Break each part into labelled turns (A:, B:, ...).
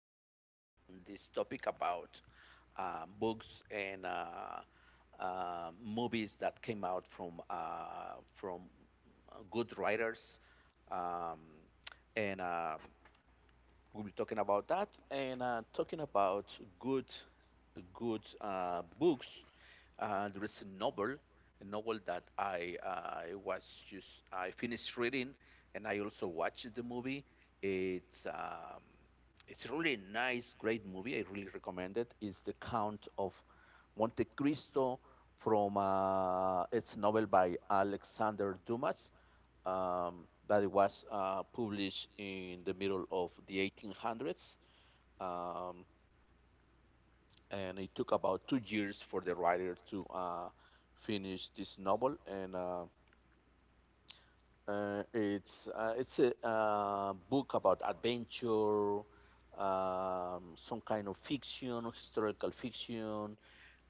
A: guess on this topic about books and movies that came out from good writers, um, and we'll be talking about that, and talking about good books. There is a novel that I was just I finished reading, and I also watched the movie. It's um, it's really a really nice, great movie. I really recommend it. It's The Count of Monte Cristo from it's novel by Alexander Dumas that it was published in the middle of the 1800s. Um, and it took about 2 years for the writer to finish this novel. And it's a book about adventure, some kind of fiction, historical fiction,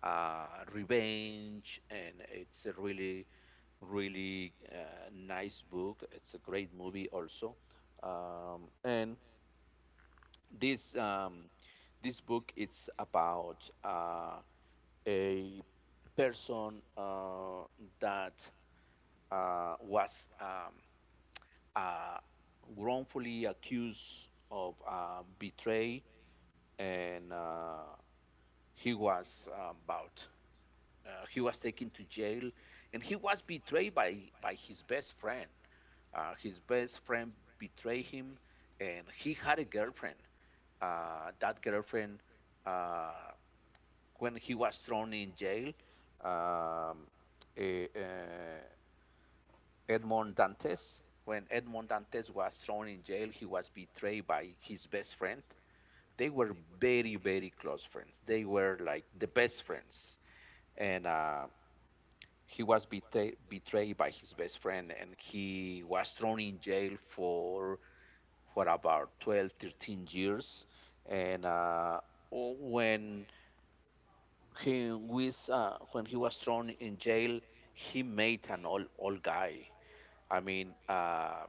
A: uh, revenge, and it's a really nice book. It's a great movie also. And this This book, it's about a person that was uh, wrongfully accused of betray, and he was um, about he was taken to jail, and he was betrayed by his best friend. His best friend betrayed him, and he had a girlfriend. That girlfriend, uh, when he was thrown in jail, um, eh, uh, Edmond Dantes. When Edmond Dantes was thrown in jail, he was betrayed by his best friend. They were very, very close friends. They were like the best friends. And he was betrayed by his best friend, and he was thrown in jail for about 12, 13 years. And when when he was thrown in jail, he made an old guy. I mean, uh,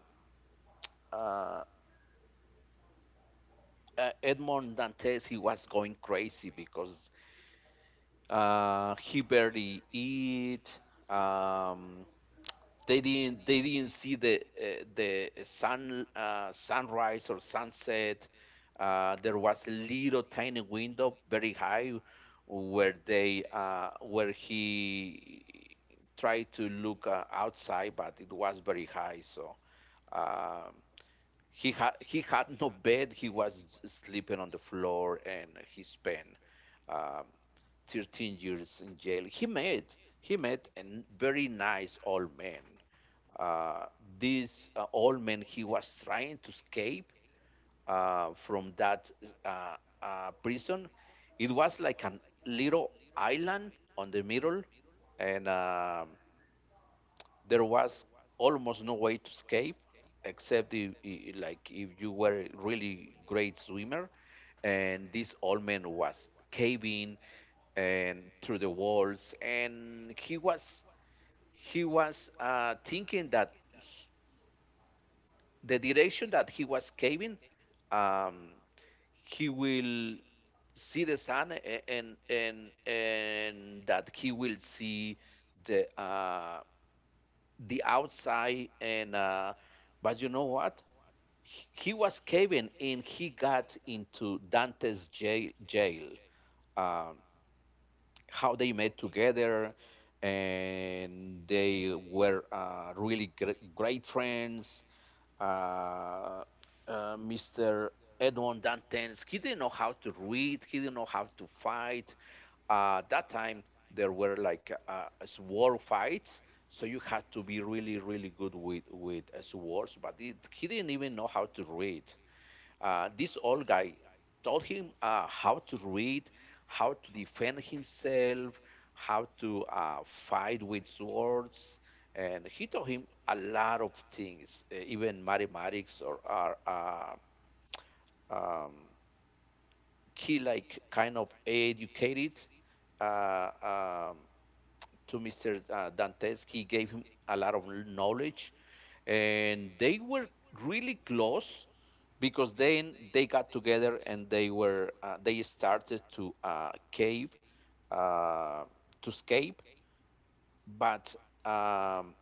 A: uh, Edmond Dantes, he was going crazy because he barely eat. Um, they didn't see the sun, sunrise or sunset. There was a little tiny window, very high, where they where he tried to look outside, but it was very high, so. Um, he had no bed. He was sleeping on the floor, and he spent um, 13 years in jail. He met a very nice old man. Uh, this old man, he was trying to escape from that uh, prison. It was like a little island on the middle, and there was almost no way to escape except if, like if you were a really great swimmer. And this old man was caving and through the walls, and he was thinking that the direction that he was caving, um, he will see the sun and that he will see the uh, the outside. And But you know what, he was caving and he got into Dante's jail. um how they met together, and they were really great friends. uh, Mr. Edmond Dantes, he didn't know how to read, he didn't know how to fight. That time, there were like sword fights, so you had to be really really good with swords, but he didn't even know how to read. Uh, this old guy taught him how to read, how to defend himself, how to fight with swords, and he taught him a lot of things, even mathematics or are um, he like kind of educated uh, um, to Mr. Dantes. He gave him a lot of knowledge, and they were really close, because then they got together and they started to cave uh, to escape. But um,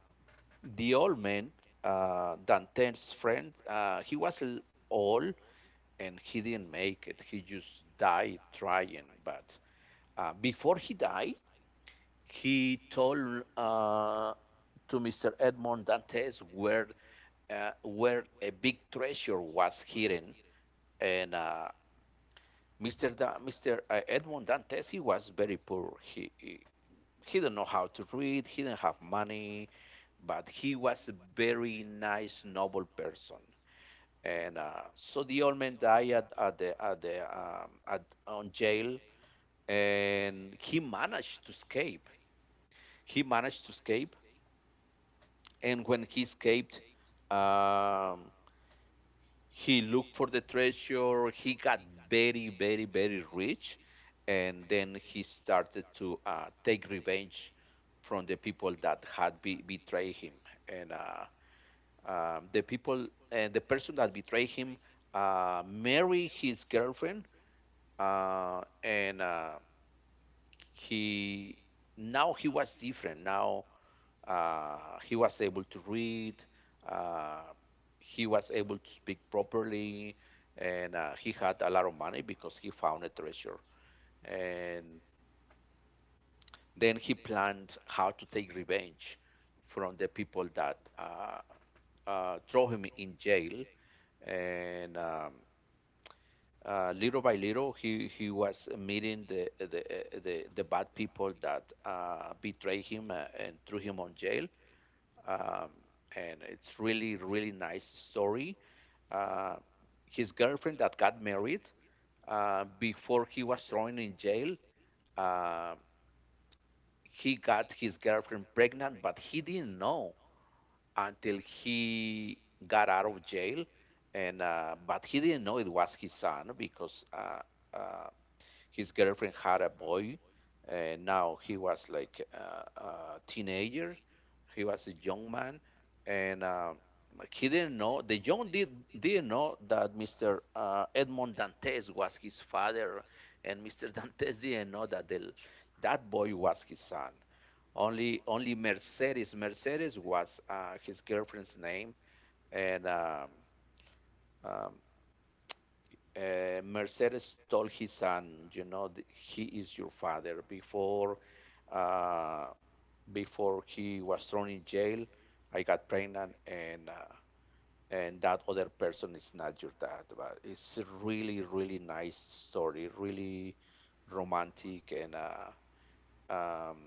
A: the old man, Dantes' friend, old, and he didn't make it. He just died trying. But before he died, he told to Mr. Edmond Dantes where a big treasure was hidden. And Mr. Mr. Edmond Dantes, he was very poor. He didn't know how to read. He didn't have money, but he was a very nice, noble person. And so the old man died at the at on jail, and he managed to escape. He managed to escape, and when he escaped, um, he looked for the treasure. He got very rich, and then he started to take revenge from the people that had betrayed him. And the people and the person that betrayed him married his girlfriend. And He, now he was different now. uh, he was able to read. Uh, he was able to speak properly, and he had a lot of money because he found a treasure. And then he planned how to take revenge from the people that throw him in jail. And little by little, he was meeting the bad people that betrayed him and threw him on jail. um, and it's really really nice story. Uh, his girlfriend that got married, before he was thrown in jail, uh, he got his girlfriend pregnant, but he didn't know until he got out of jail. And but he didn't know it was his son, because uh, his girlfriend had a boy, and now he was like a teenager. He was a young man, and like, he didn't know. The young did didn't know that Mr. Edmond Dantes was his father, and Mr. Dantes didn't know that that boy was his son. Only Mercedes. Mercedes was his girlfriend's name. And um, Mercedes told his son, you know, he is your father. Before, uh, before he was thrown in jail, I got pregnant, and that other person is not your dad. But it's a really, really nice story, really romantic. And um,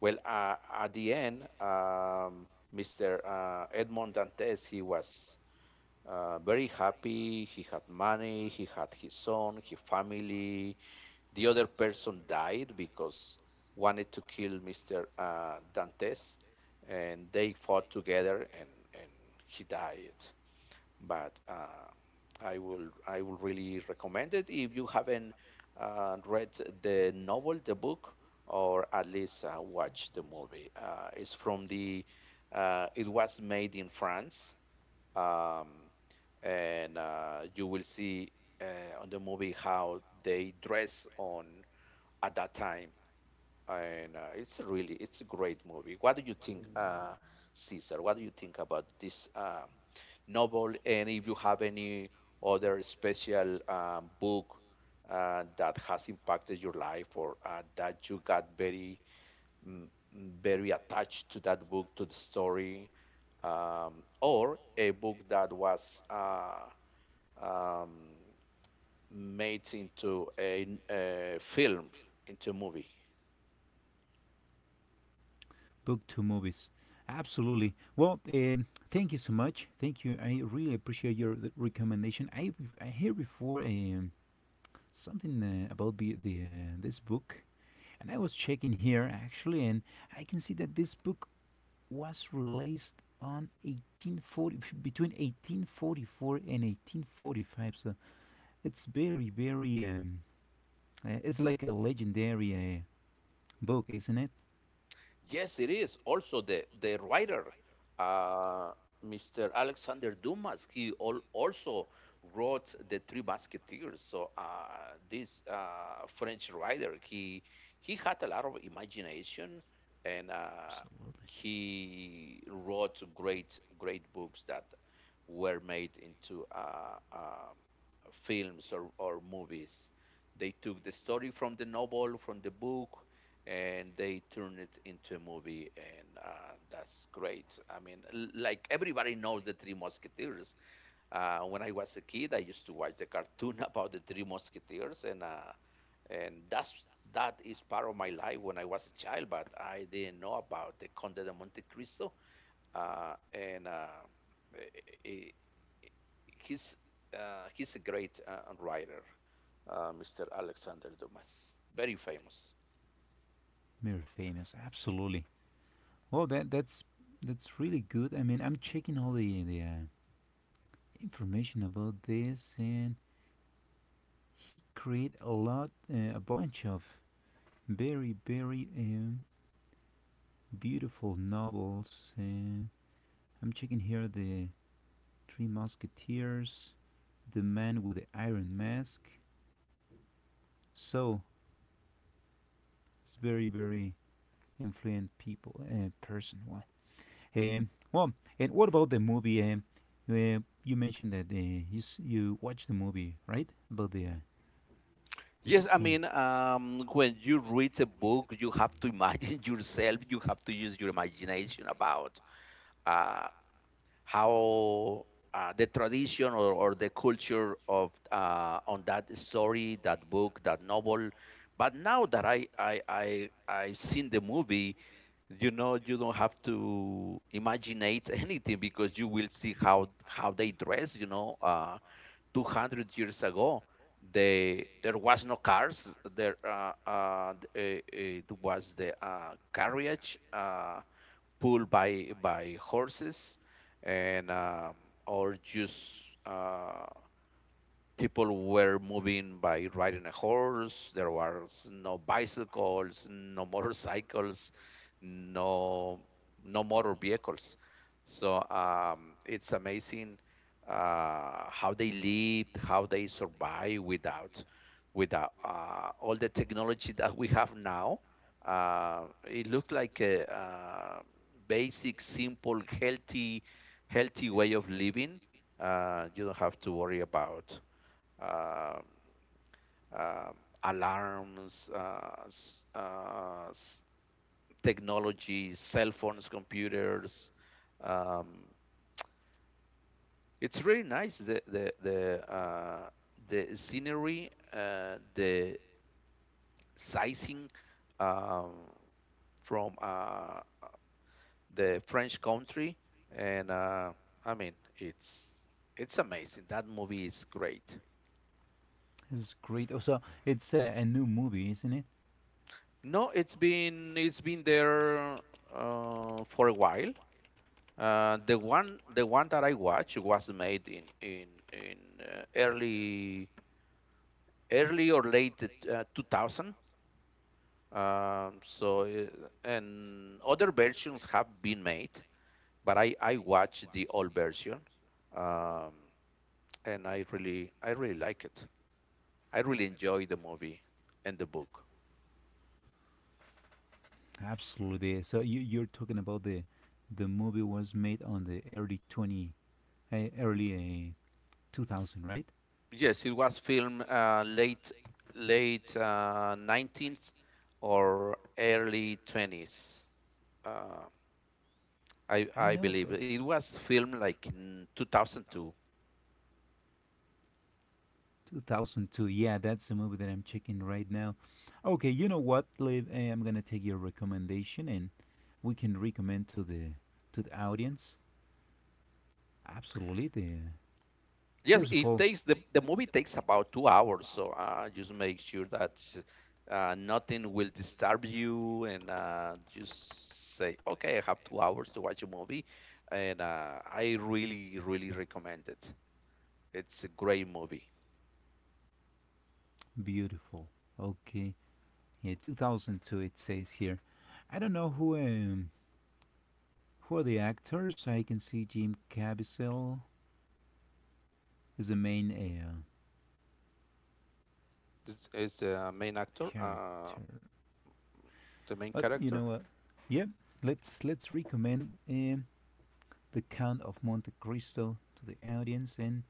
A: well, at the end, Mr. Edmond Dantes, he was very happy. He had money, he had his son, his family. The other person died because wanted to kill Mr. Dantes, and they fought together, and he died. But I will really recommend it if you haven't read the novel, the book, or at least watch the movie. It's from the it was made in France, um, and you will see uh, on the movie how they dress on at that time. And it's a really it's a great movie. What do you think, Caesar? What do you think about this novel? And if you have any other special book that has impacted your life, or that you got very mm, very attached to, that book, to the story, or a book that was um, made into a film, into a movie.
B: Book to movies, absolutely. Well, thank you so much. Thank you. I really appreciate your recommendation. I hear before something about the this book, and I was checking here actually, and I can see that this book was released on 1840 between 1844 and 1845, so it's very very it's like a legendary book, isn't it?
A: Yes, it is. Also, the writer, uh, Mr. Alexander Dumas, he al also wrote the Three Musketeers. So this French writer, he had a lot of imagination, and
B: Absolutely
A: he wrote great books that were made into films, or movies. They took the story from the novel, from the book, and they turned it into a movie, and that's great. I mean, like everybody knows the Three Musketeers. When I was a kid, I used to watch the cartoon about the Three Musketeers. And that's that is part of my life when I was a child. But I didn't know about the Conde de Monte Cristo, uh, and uh, i- i- he's he's a great writer, Mr. Alexander Dumas, very famous.
B: very famous, absolutely. Well, that's that's really good. I mean, I'm checking all the information about this, and he created a bunch of very very beautiful novels. I'm checking here the Three Musketeers, The Man with the Iron Mask. So it's very, very influential people person. Well, um, well, and what about the movie? You mentioned that you you watched the movie, right? About the
A: Yes, I
B: scene.
A: mean, when you read a book, you have to imagine yourself. You have to use your imagination about uh, how the tradition, or the culture of on that story, that book, that novel. But now that I've seen the movie, you know, you don't have to imaginate anything because you will see how they dress, you know, 200 years ago. They There was no cars there. It was the carriage pulled by horses, and or just uh people were moving by riding a horse. There was no bicycles, no motorcycles, no no motor vehicles. So it's amazing how they lived, how they survived without all the technology that we have now. It looks like a basic, simple, healthy way of living. You don't have to worry about um, um, alarms, technology, cell phones, computers. Um, it's really nice, the scenery, the sizing um, from the French country. And I mean, it's it's amazing. That movie is great.
B: This is great. Also, it's a new movie, isn't it?
A: No, it's been there for a while. The one that I watched was made in early early or late 2000. Um, so uh, and other versions have been made, but I watched the old version, um, and I really like it. I really enjoy the movie and the book.
B: Absolutely. So you, you're talking about the movie was made on the early 2000, right?
A: Yes, it was filmed late late 19th or early 20s. I
B: I
A: I
B: know,
A: believe
B: but
A: it was filmed like in 2002.
B: filmed like 2002. Yeah, that's the movie that I'm checking right now. Okay, you know what, Liv? Eh, I'm gonna take your recommendation, and we can recommend to the audience. Absolutely. The
A: Yes,
B: first of
A: it
B: all,
A: takes the movie takes about 2 hours, so just make sure that nothing will disturb you, and just say, okay, I have 2 hours to watch a movie, and I really really recommend it. It's a great movie.
B: beautiful. Okay. Yeah, 2002 it says here. I don't know who are the actors. I can see Jim Caviezel is the main
A: Is the main actor,
B: character.
A: the main
B: But you
A: character,
B: know what? Yep. Let's recommend the Count of Monte Cristo to the audience. And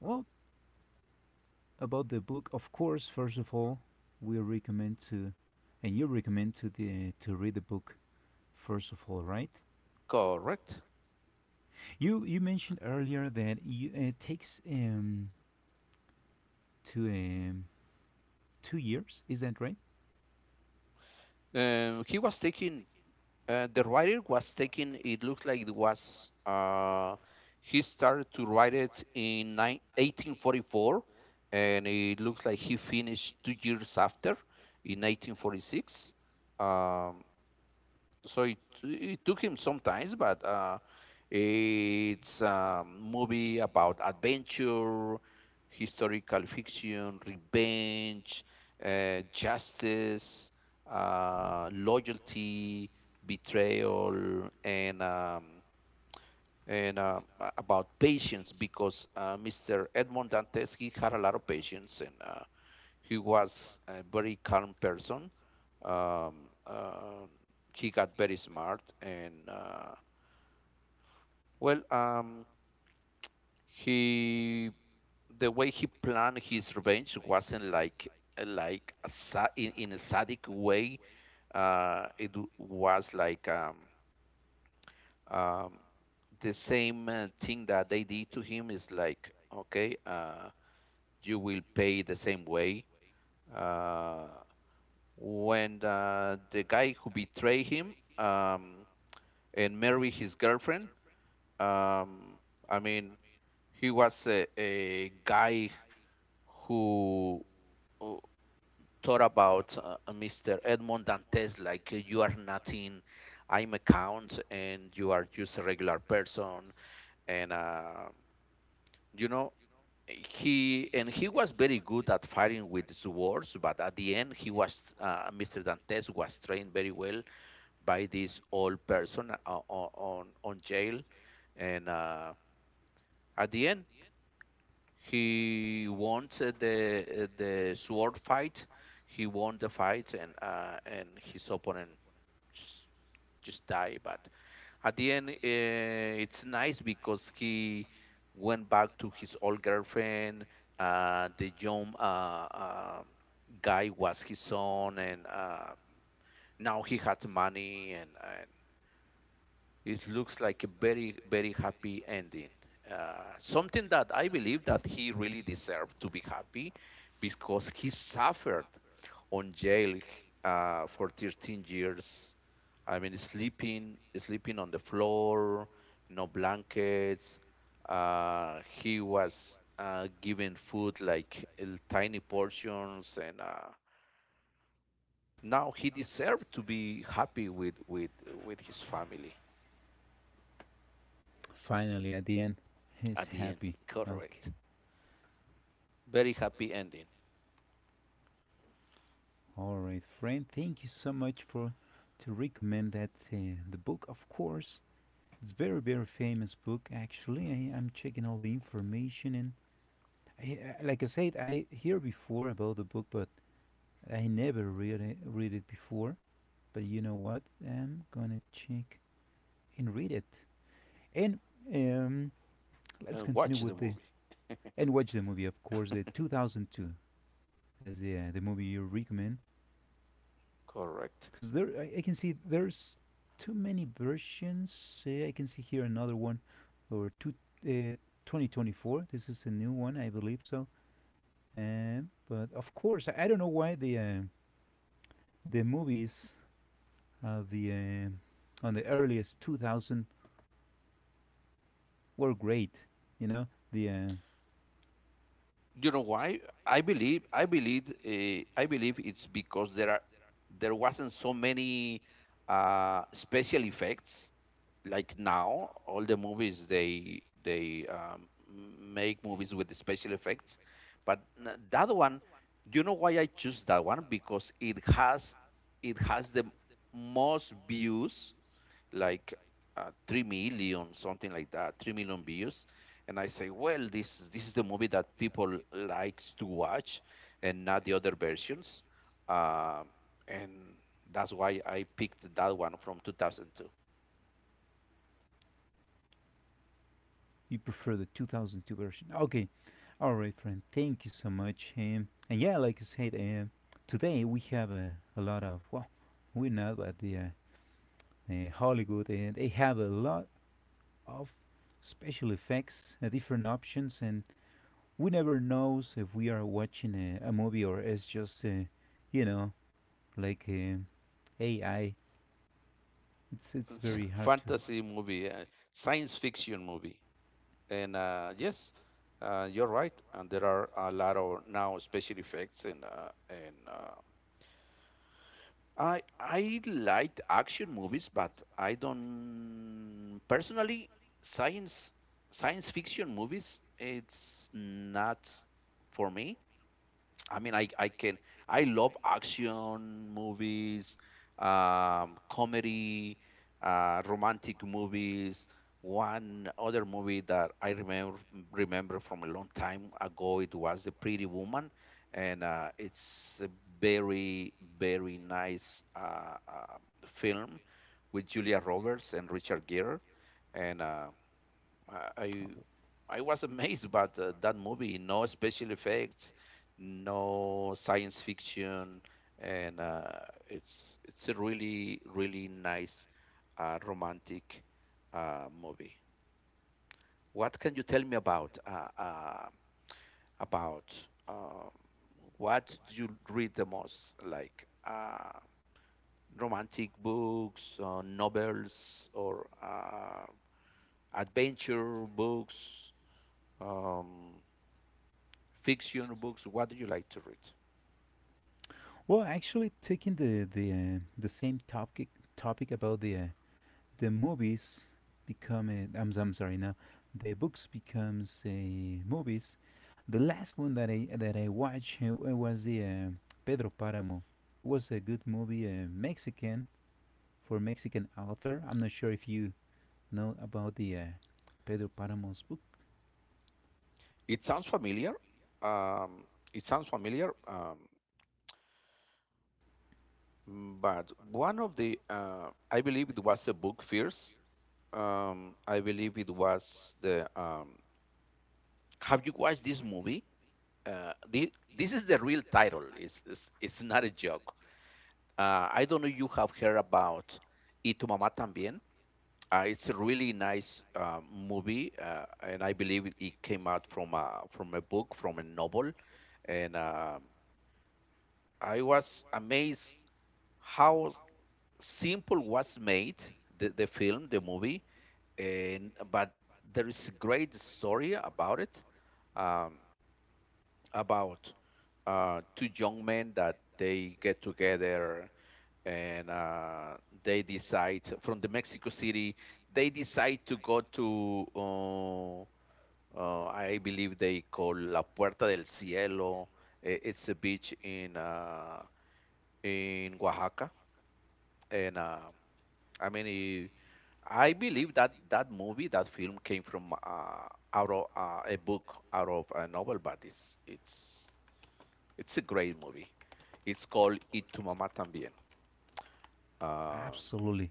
B: well, about the book, of course. First of all, we recommend to, and you recommend to the to read the book. First of all, right?
A: correct?
B: You mentioned earlier that it takes two um, 2 years. Is that right?
A: He was taking The writer was taking. It looks like it was. He started to write it in 1844, and it looks like he finished 2 years after, in 1846. Um, so it it took him some time, but it's a movie about adventure, historical fiction, revenge, justice, loyalty, betrayal, and about patience because Mr. Edmond Dantes he had a lot of patience and he was a very calm person. Um, uh, he got very smart, and well, um, he the way he planned his revenge wasn't like like in a sadic way. It was like um, the same thing that they did to him is like okay, you will pay the same way. Uh, when the guy who betrayed him and married his girlfriend, um, I mean, he was a guy who uh, thought about Mr. Edmond Dantes like you are nothing, I'm a count, and you are just a regular person, and you know. He and he was very good at fighting with swords, but at the end, he was Mr. Dantes was trained very well by this old person on on jail, and at the end he won the sword fight. He won the fight, and his opponent just, just died. But at the end, it's nice because he went back to his old girlfriend. The young guy was his son, and now he had money and it looks like a very very happy ending, something that I believe that he really deserved to be happy because he suffered on jail for 13 years. I mean, sleeping on the floor, no blankets. He was given food like in tiny portions, and now he deserved to be happy with with his family
B: Finally, at the end, he's
A: at the end.
B: happy. Okay.
A: Correct. Very happy ending.
B: All right, friend. Thank you so much for to recommend that the book. Of course, it's very very famous book. Actually, I, I'm checking all the information, and I, like I said, I hear before about the book, but I never read it before. But you know what? I'm gonna check and read it. And um, let's
A: And
B: continue
A: watch the
B: with the
A: movie.
B: and watch the movie. Of course, the 2002. As the movie you recommend?
A: Correct.
B: Because there, I can see there's too many versions. I can see here another one, or two, uh, 2024. This is a new one, I believe so. But of course, I don't know why the movies of the on the earliest 2000 were great. You know, the
A: You know why? I believe it's because there wasn't so many special effects like now. All the movies they make movies with the special effects, but that one, you know why I choose that one? Because it has the most views like 3 million, something like that. 3 million views, and I say, well, this is the movie that people likes to watch and not the other versions. Um, and that's why I picked that one from 2002.
B: you prefer the 2002 version. Okay, all right, friend. Thank you so much. And yeah, like I said, today we have a lot of well, we're not at the Hollywood, and they have a lot of special effects, different options, and we never knows if we are watching a movie or it's just you know like AI. It's very hard to
A: Fantasy movie, science fiction movie. And yes You're right, and there are a lot of now special effects, and I liked action movies, but I don't personally science science fiction movies. It's not for me. I mean, I can I love action movies, comedy, romantic movies. One other movie that I remember from a long time ago, it was The Pretty Woman, and it's a very very nice film with Julia Roberts and Richard Gere, and I I I was amazed about that movie. No special effects, no science fiction, and it's a really really nice romantic movie. What can you tell me about about uh, what do you read the most, like romantic books, or novels, or adventure books? Um, Fiction books. What do you like to read?
B: well, actually, taking the same topic about the movies become a, I'm sorry, now the books becomes a movies, the last one that I watched was the Pedro Paramo. It was a good movie, Mexican, for Mexican author. I'm not sure if you know about the Pedro Paramo's book.
A: It sounds familiar. Um, it sounds familiar. Um, but one of the, I believe it was the book Fierce. I believe it was the. Have you watched this movie? This is the real title. It's not a joke. I don't know if you have heard about Y tu mamá también. It's a really nice movie, and I believe it came out from from a book, from a novel. And I was amazed how simple was made the film, the movie, and but there is a great story about it, um, about two young men that they get together and they decide from the Mexico City. They decide to go to I believe they call La Puerta del Cielo. It's a beach in Oaxaca, and I mean eh, I believe that that movie, that film, came from out of a book, out of a novel, but it's it's a great movie. It's called "Y tu mamá también." Uh,
B: Absolutely,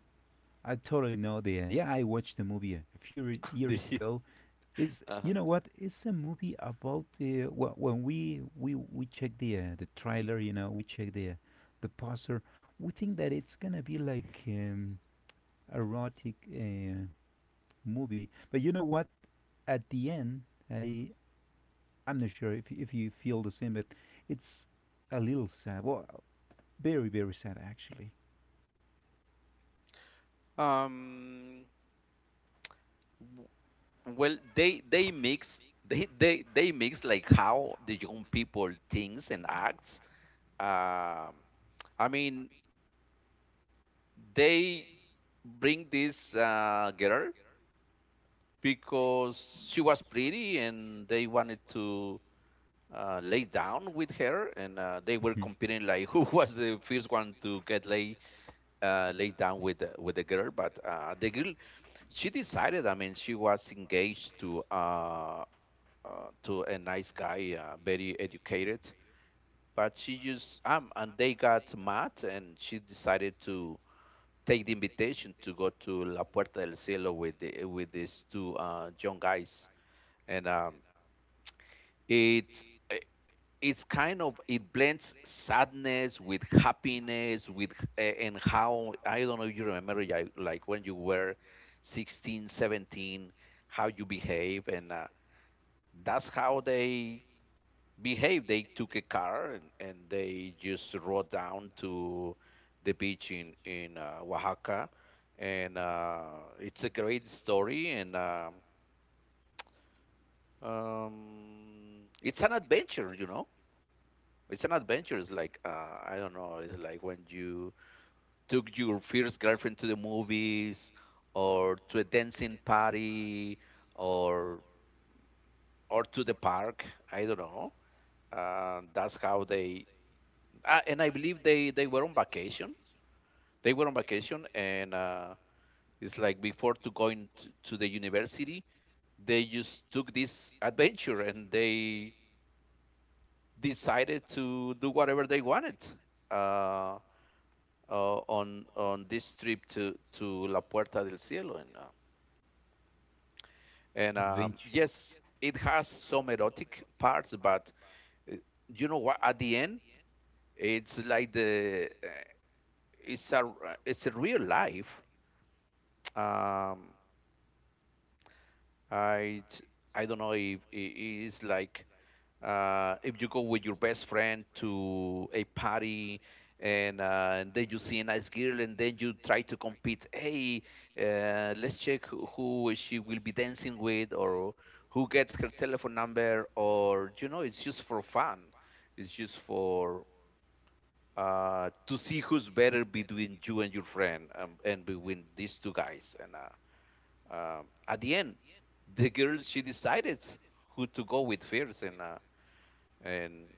B: I totally know the yeah, I watched the movie a few years
A: the,
B: ago. It's
A: uh
B: you know what? It's a movie about when we check the trailer. You know, we check the poster. We think that it's gonna be like erotic movie, but you know what? At the end, I I'm not sure if if you feel the same, but it's a little sad. Well, very very sad actually.
A: Um, w- Well, they mix like how the young people thinks and acts. Um, I mean, they bring this girl because she was pretty and they wanted to lay down with her, and they were competing like who was the first one to get lay laid down with with the girl. But the girl she decided. I mean, she was engaged to a nice guy, very educated. But she used and they got mad, and she decided to take the invitation to go to La Puerta del Cielo with these two young guys, and it's it's kind of it blends sadness with happiness with and how I don't know if you remember, yeah, like when you were 16, 17, how you behave, and that's how they behave. They took a car and they just rode down to the beach in Oaxaca, and it's a great story. And It's an adventure, you know. It's an adventure. It's like I don't know. It's like when you took your first girlfriend to the movies, or to a dancing party, or to the park. I don't know. That's how they and I believe they were on vacation. They were on vacation, and it's like before to to the university, they just took this adventure and they decided to do whatever they wanted uh, on this trip to La Puerta del Cielo. And
B: Adventure.
A: Yes, it has some erotic parts, but uh, you know what? At the end, it's like the it's a it's a real life. Um, Uh, it's, I don't know if it's like if you go with your best friend to a party and and then you see a nice girl and then you try to compete. Hey, let's check who she will be dancing with or who gets her telephone number, or you know, it's just for fun. It's just for to see who's better between you and your friend, and between these two guys, and at the end, the girl she decided who to go with first, and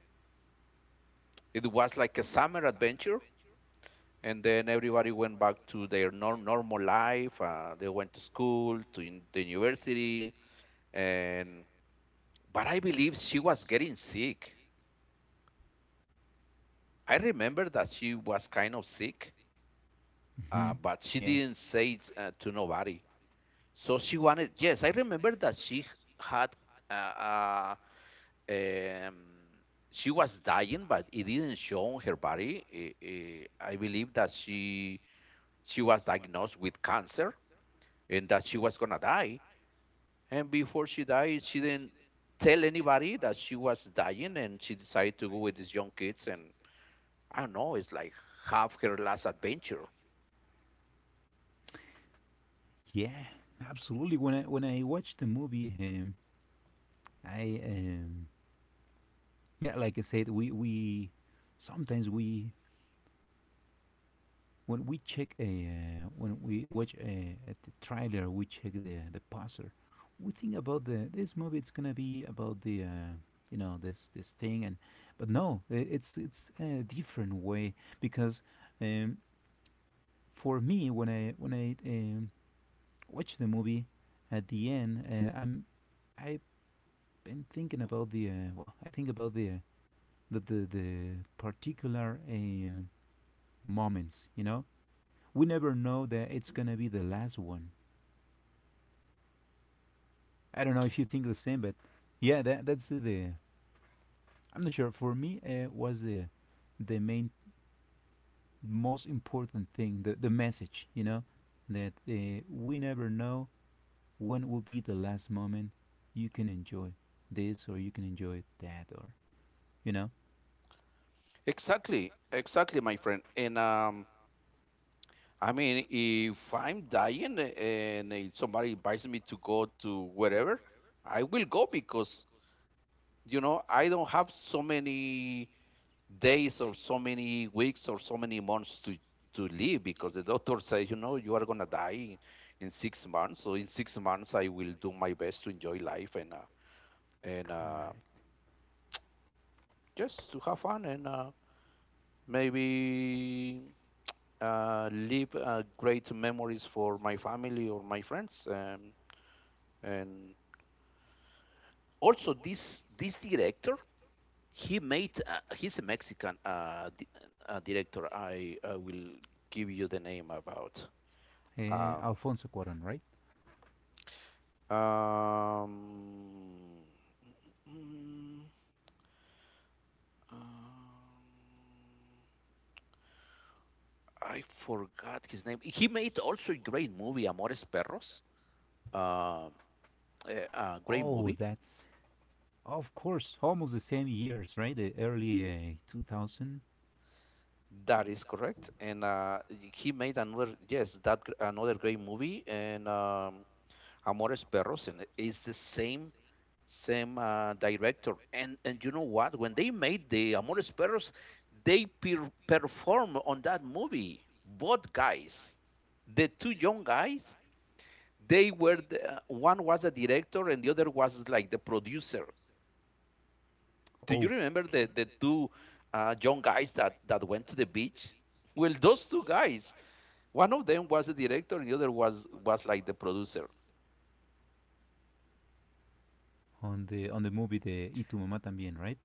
A: it was like a summer adventure. And then everybody went back to their normal life. They went to school, to the university, and but I believe she was getting sick. I remember that she was kind of sick,
B: hmm um,
A: but she
B: Yeah.
A: didn't say it to nobody. So she wanted. Yes, I remember that she had uh, uh, Um, she was dying, but it didn't show on her body. I believe that she was diagnosed with cancer and that she was gonna die. And before she died, she didn't tell anybody that she was dying, and she decided to go with these young kids. And I don't know, it's like half her last adventure.
B: Yeah, absolutely. When I watched the movie, I yeah, like I said, we sometimes we when we check a when we watch a trailer, we check the poster. We think about the this movie. It's gonna be about the you know this this thing, and but no, it's a different way because um, for me when I when I watch the movie at the end, I've been thinking about the well, I think about the particular moments. You know, we never know that it's gonna be the last one. I don't know if you think the same, but yeah, that that's the- I'm not sure. For me, was the main most important thing the message, you know, that we never know when will be the last moment you can enjoy this or you can enjoy that or you know.
A: Exactly, exactly, my friend. And I mean, if I'm dying and somebody invites me to go to wherever, I will go because you know I don't have so many days or so many weeks or so many months to live because the doctor says you know you are going to die in 6 months. So in 6 months I will do my best to enjoy life, and
B: Correct.
A: just to have fun, and maybe leave great memories for my family or my friends. And also this director, he made he's a Mexican director. I will give you the name about. um
B: Alfonso Cuarón, right?
A: um, mm, um I forgot his name. He made also a great movie, Amores Perros. um a great
B: Oh,
A: movie.
B: that's of course almost the same years, right? The early 2000.
A: That is correct. And he made another, yes, another great movie. And Amores Perros, and it's the same director. And you know what? When they made the Amores Perros, they perform on that movie. Both guys, the two young guys, they were the, one was the director and the other was like the producer. Do you
B: Oh,
A: remember the two young guys that went to the beach? Well, those two guys, one of them was the director and the other was like the producer.
B: on the movie the Y tu mamá también, right?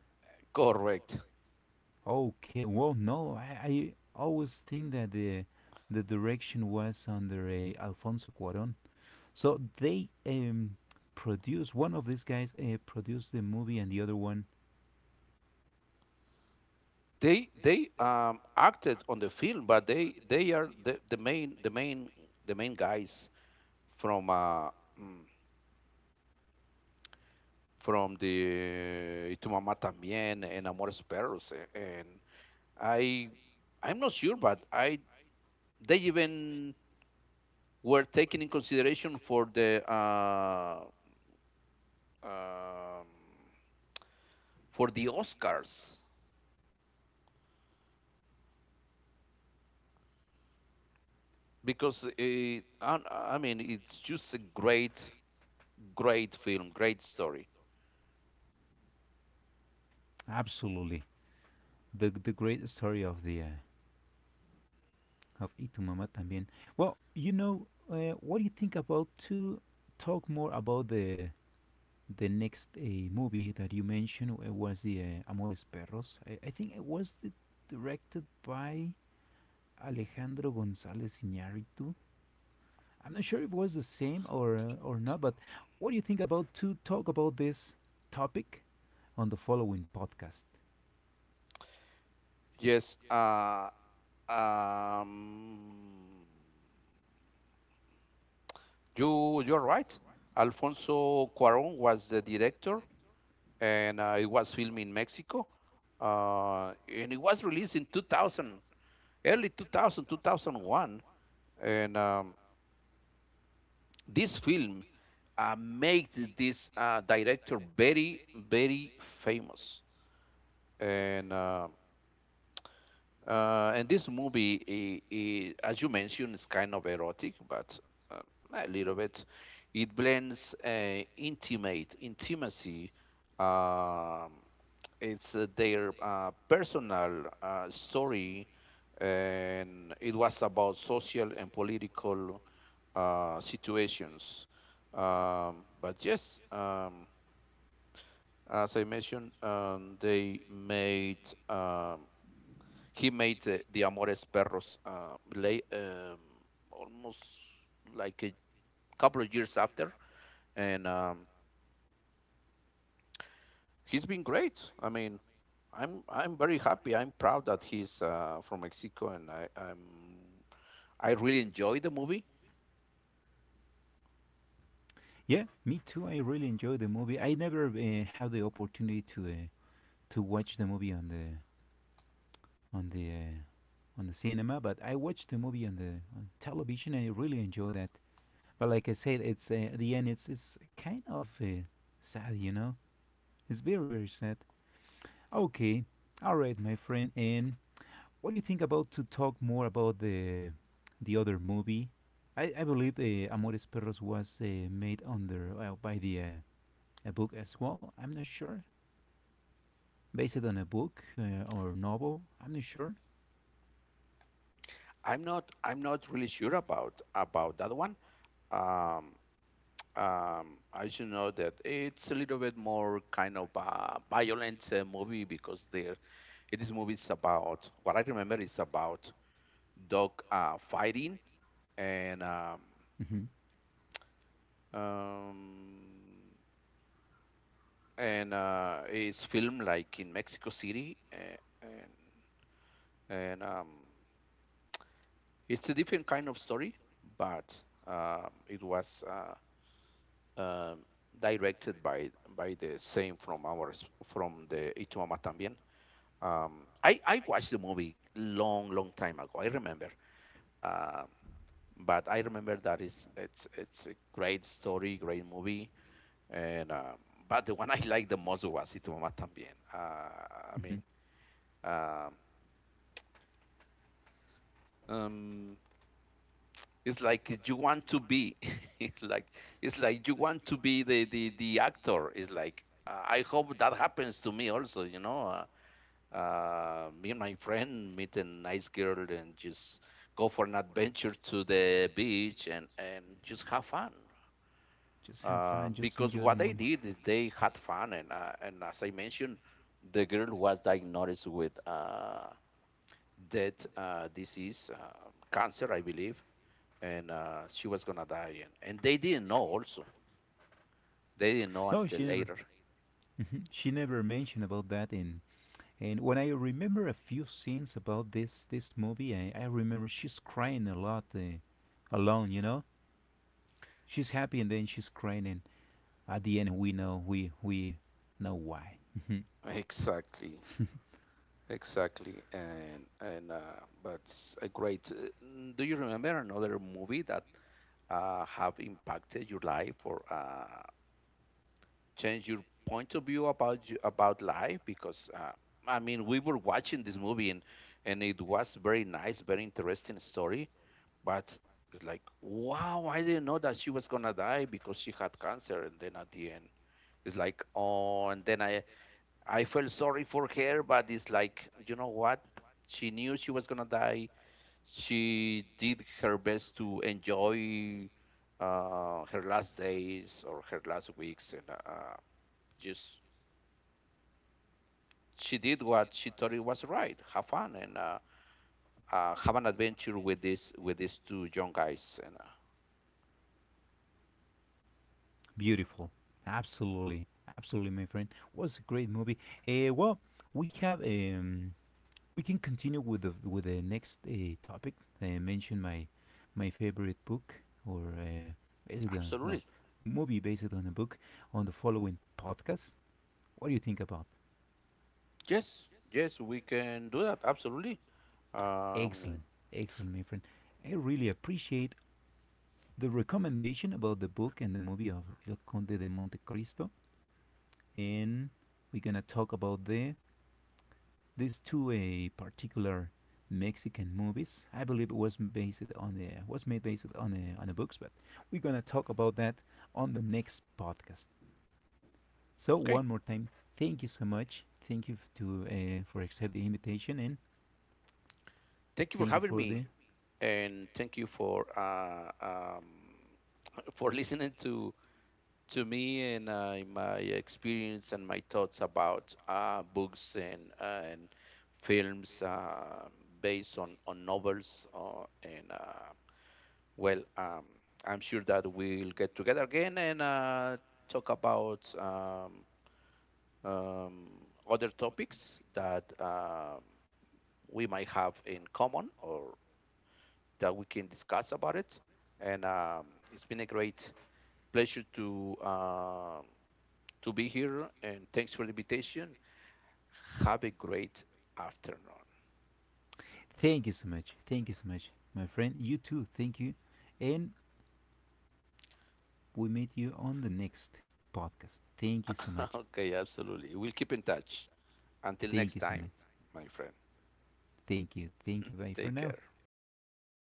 A: Correct.
B: Okay, well, no, I always think that the direction was under Alfonso Cuarón. So they produced one of these guys produced the movie, and the other one
A: They acted on the film, but they are the, the main guys from mm, from the Y Tu Mamá También and Amores Perros, and i I'm not sure, but I they even were taken in consideration um for the Oscars. Because it, I mean, it's just a great great film, great story.
B: absolutely the great story of the of Y tu mamá también. Well, you know, what do you think about to talk more about the next movie that you mentioned was the Amores Perros. I think it was the, directed by Alejandro González Iñárritu. I'm not sure if it was the same or not, but what do you think about to talk about this topic on the following podcast?
A: Yes, um, you're right. Alfonso Cuarón was the director, and it was filmed in Mexico, and it was released in 2000, early 2000, 2001. And this film made this director very, very famous. And uh, and this movie, I as you mentioned, is kind of erotic, but uh, a little bit. It blends intimate intimacy. Um, it's their personal story, and it was about social and political situations. But yes, as I mentioned, they made um, he made the Amores Perros late, almost like a couple of years after, and he's been great. I mean, I'm very happy. I'm proud that he's from Mexico, and I'm I really enjoy the movie.
B: Yeah, me too. I really enjoyed the movie. I never had the opportunity to watch the movie on the on the on the cinema, but I watched the movie on the on television, and I really enjoyed that. But like I said, it's at the end, it's kind of sad, you know. It's very very sad. Okay, all right, my friend. And what do you think about to talk more about the other movie? I believe Amores Perros was made under by the a book as well. I'm not sure, based on a book or novel. I'm not sure.
A: I'm not really sure about that one. Um, I should know that it's a little bit more kind of violent movie because there it is movies about what I remember is about dog fighting and um,
B: Hmm.
A: um, and it's filmed like in Mexico City and and um, it's a different kind of story, but it was um, directed by the same from ours from the Itumama También. I watched the movie long long time ago, I remember. Um, but I remember that is it's a great story, great movie, and but the one I liked the most was Itu Mama Tambien. I
B: Hmm.
A: mean, um, um, it's like you want to be, it's like you want to be the actor. It's like I hope that happens to me also. You know, me and my friend meet a nice girl and just go for an adventure to the beach and just have fun.
B: Just have fun. Just
A: Because
B: enjoy the
A: what they
B: moment.
A: did is they had fun, and as I mentioned, the girl was diagnosed with that disease, cancer, I believe, and she was gonna die, and they didn't know also. They didn't know
B: No,
A: until
B: she never.
A: later.
B: She never mentioned about that. And when I remember a few scenes about this this movie, I remember she's crying a lot alone, you know. She's happy and then she's crying, and at the end we know we know why. Mhm.
A: Exactly, exactly, and but it's a great. Do you remember another movie that have impacted your life? Or change your point of view about you, about life? Because I mean, we were watching this movie, and it was very nice, very interesting story, but it's like wow, I didn't know that she was gonna die because she had cancer, and then at the end it's like oh, and then I felt sorry for her, but it's like you know what. She knew she was gonna die. She did her best to enjoy her last days or her last weeks, and just she did what she thought it was right. Have fun, and have an adventure with this with these two young guys. And
B: Beautiful, absolutely, absolutely, my friend. Was a great movie. Well, we have we can continue with the next topic. I mentioned my my favorite book or based on no
A: absolutely,
B: movie based on a book on the following podcast. What do you think about?
A: yes, yes, we can do that. Absolutely. Um,
B: Excellent, excellent, my friend. I really appreciate the recommendation about the book and the movie of El Conde de Monte Cristo, and we're gonna talk about the these two a particular Mexican movies. I believe it was based on a was made based on a books, but we're gonna talk about that on the next podcast. So
A: okay.
B: one more time, thank you so much. Thank you to for accept the invitation, and
A: Thank you for
B: thank you
A: having
B: for
A: me,
B: the
A: and thank you for listening to me and my experience and my thoughts about books, and films based on novels and. Well, I'm sure that we'll get together again, and talk about other topics that we might have in common or that we can discuss about it. And it's been a great pleasure to be here. And thanks for the invitation. Have a great afternoon.
B: thank you so much. Thank you so much, my friend. You too. Thank you, and we meet you on the next podcast. Thank you so much.
A: Okay, absolutely. We'll keep in touch. Until
B: Thank
A: next
B: you so
A: time,
B: much.
A: my friend.
B: Thank you. Thank you. Bye for
A: Take
B: now.
A: care.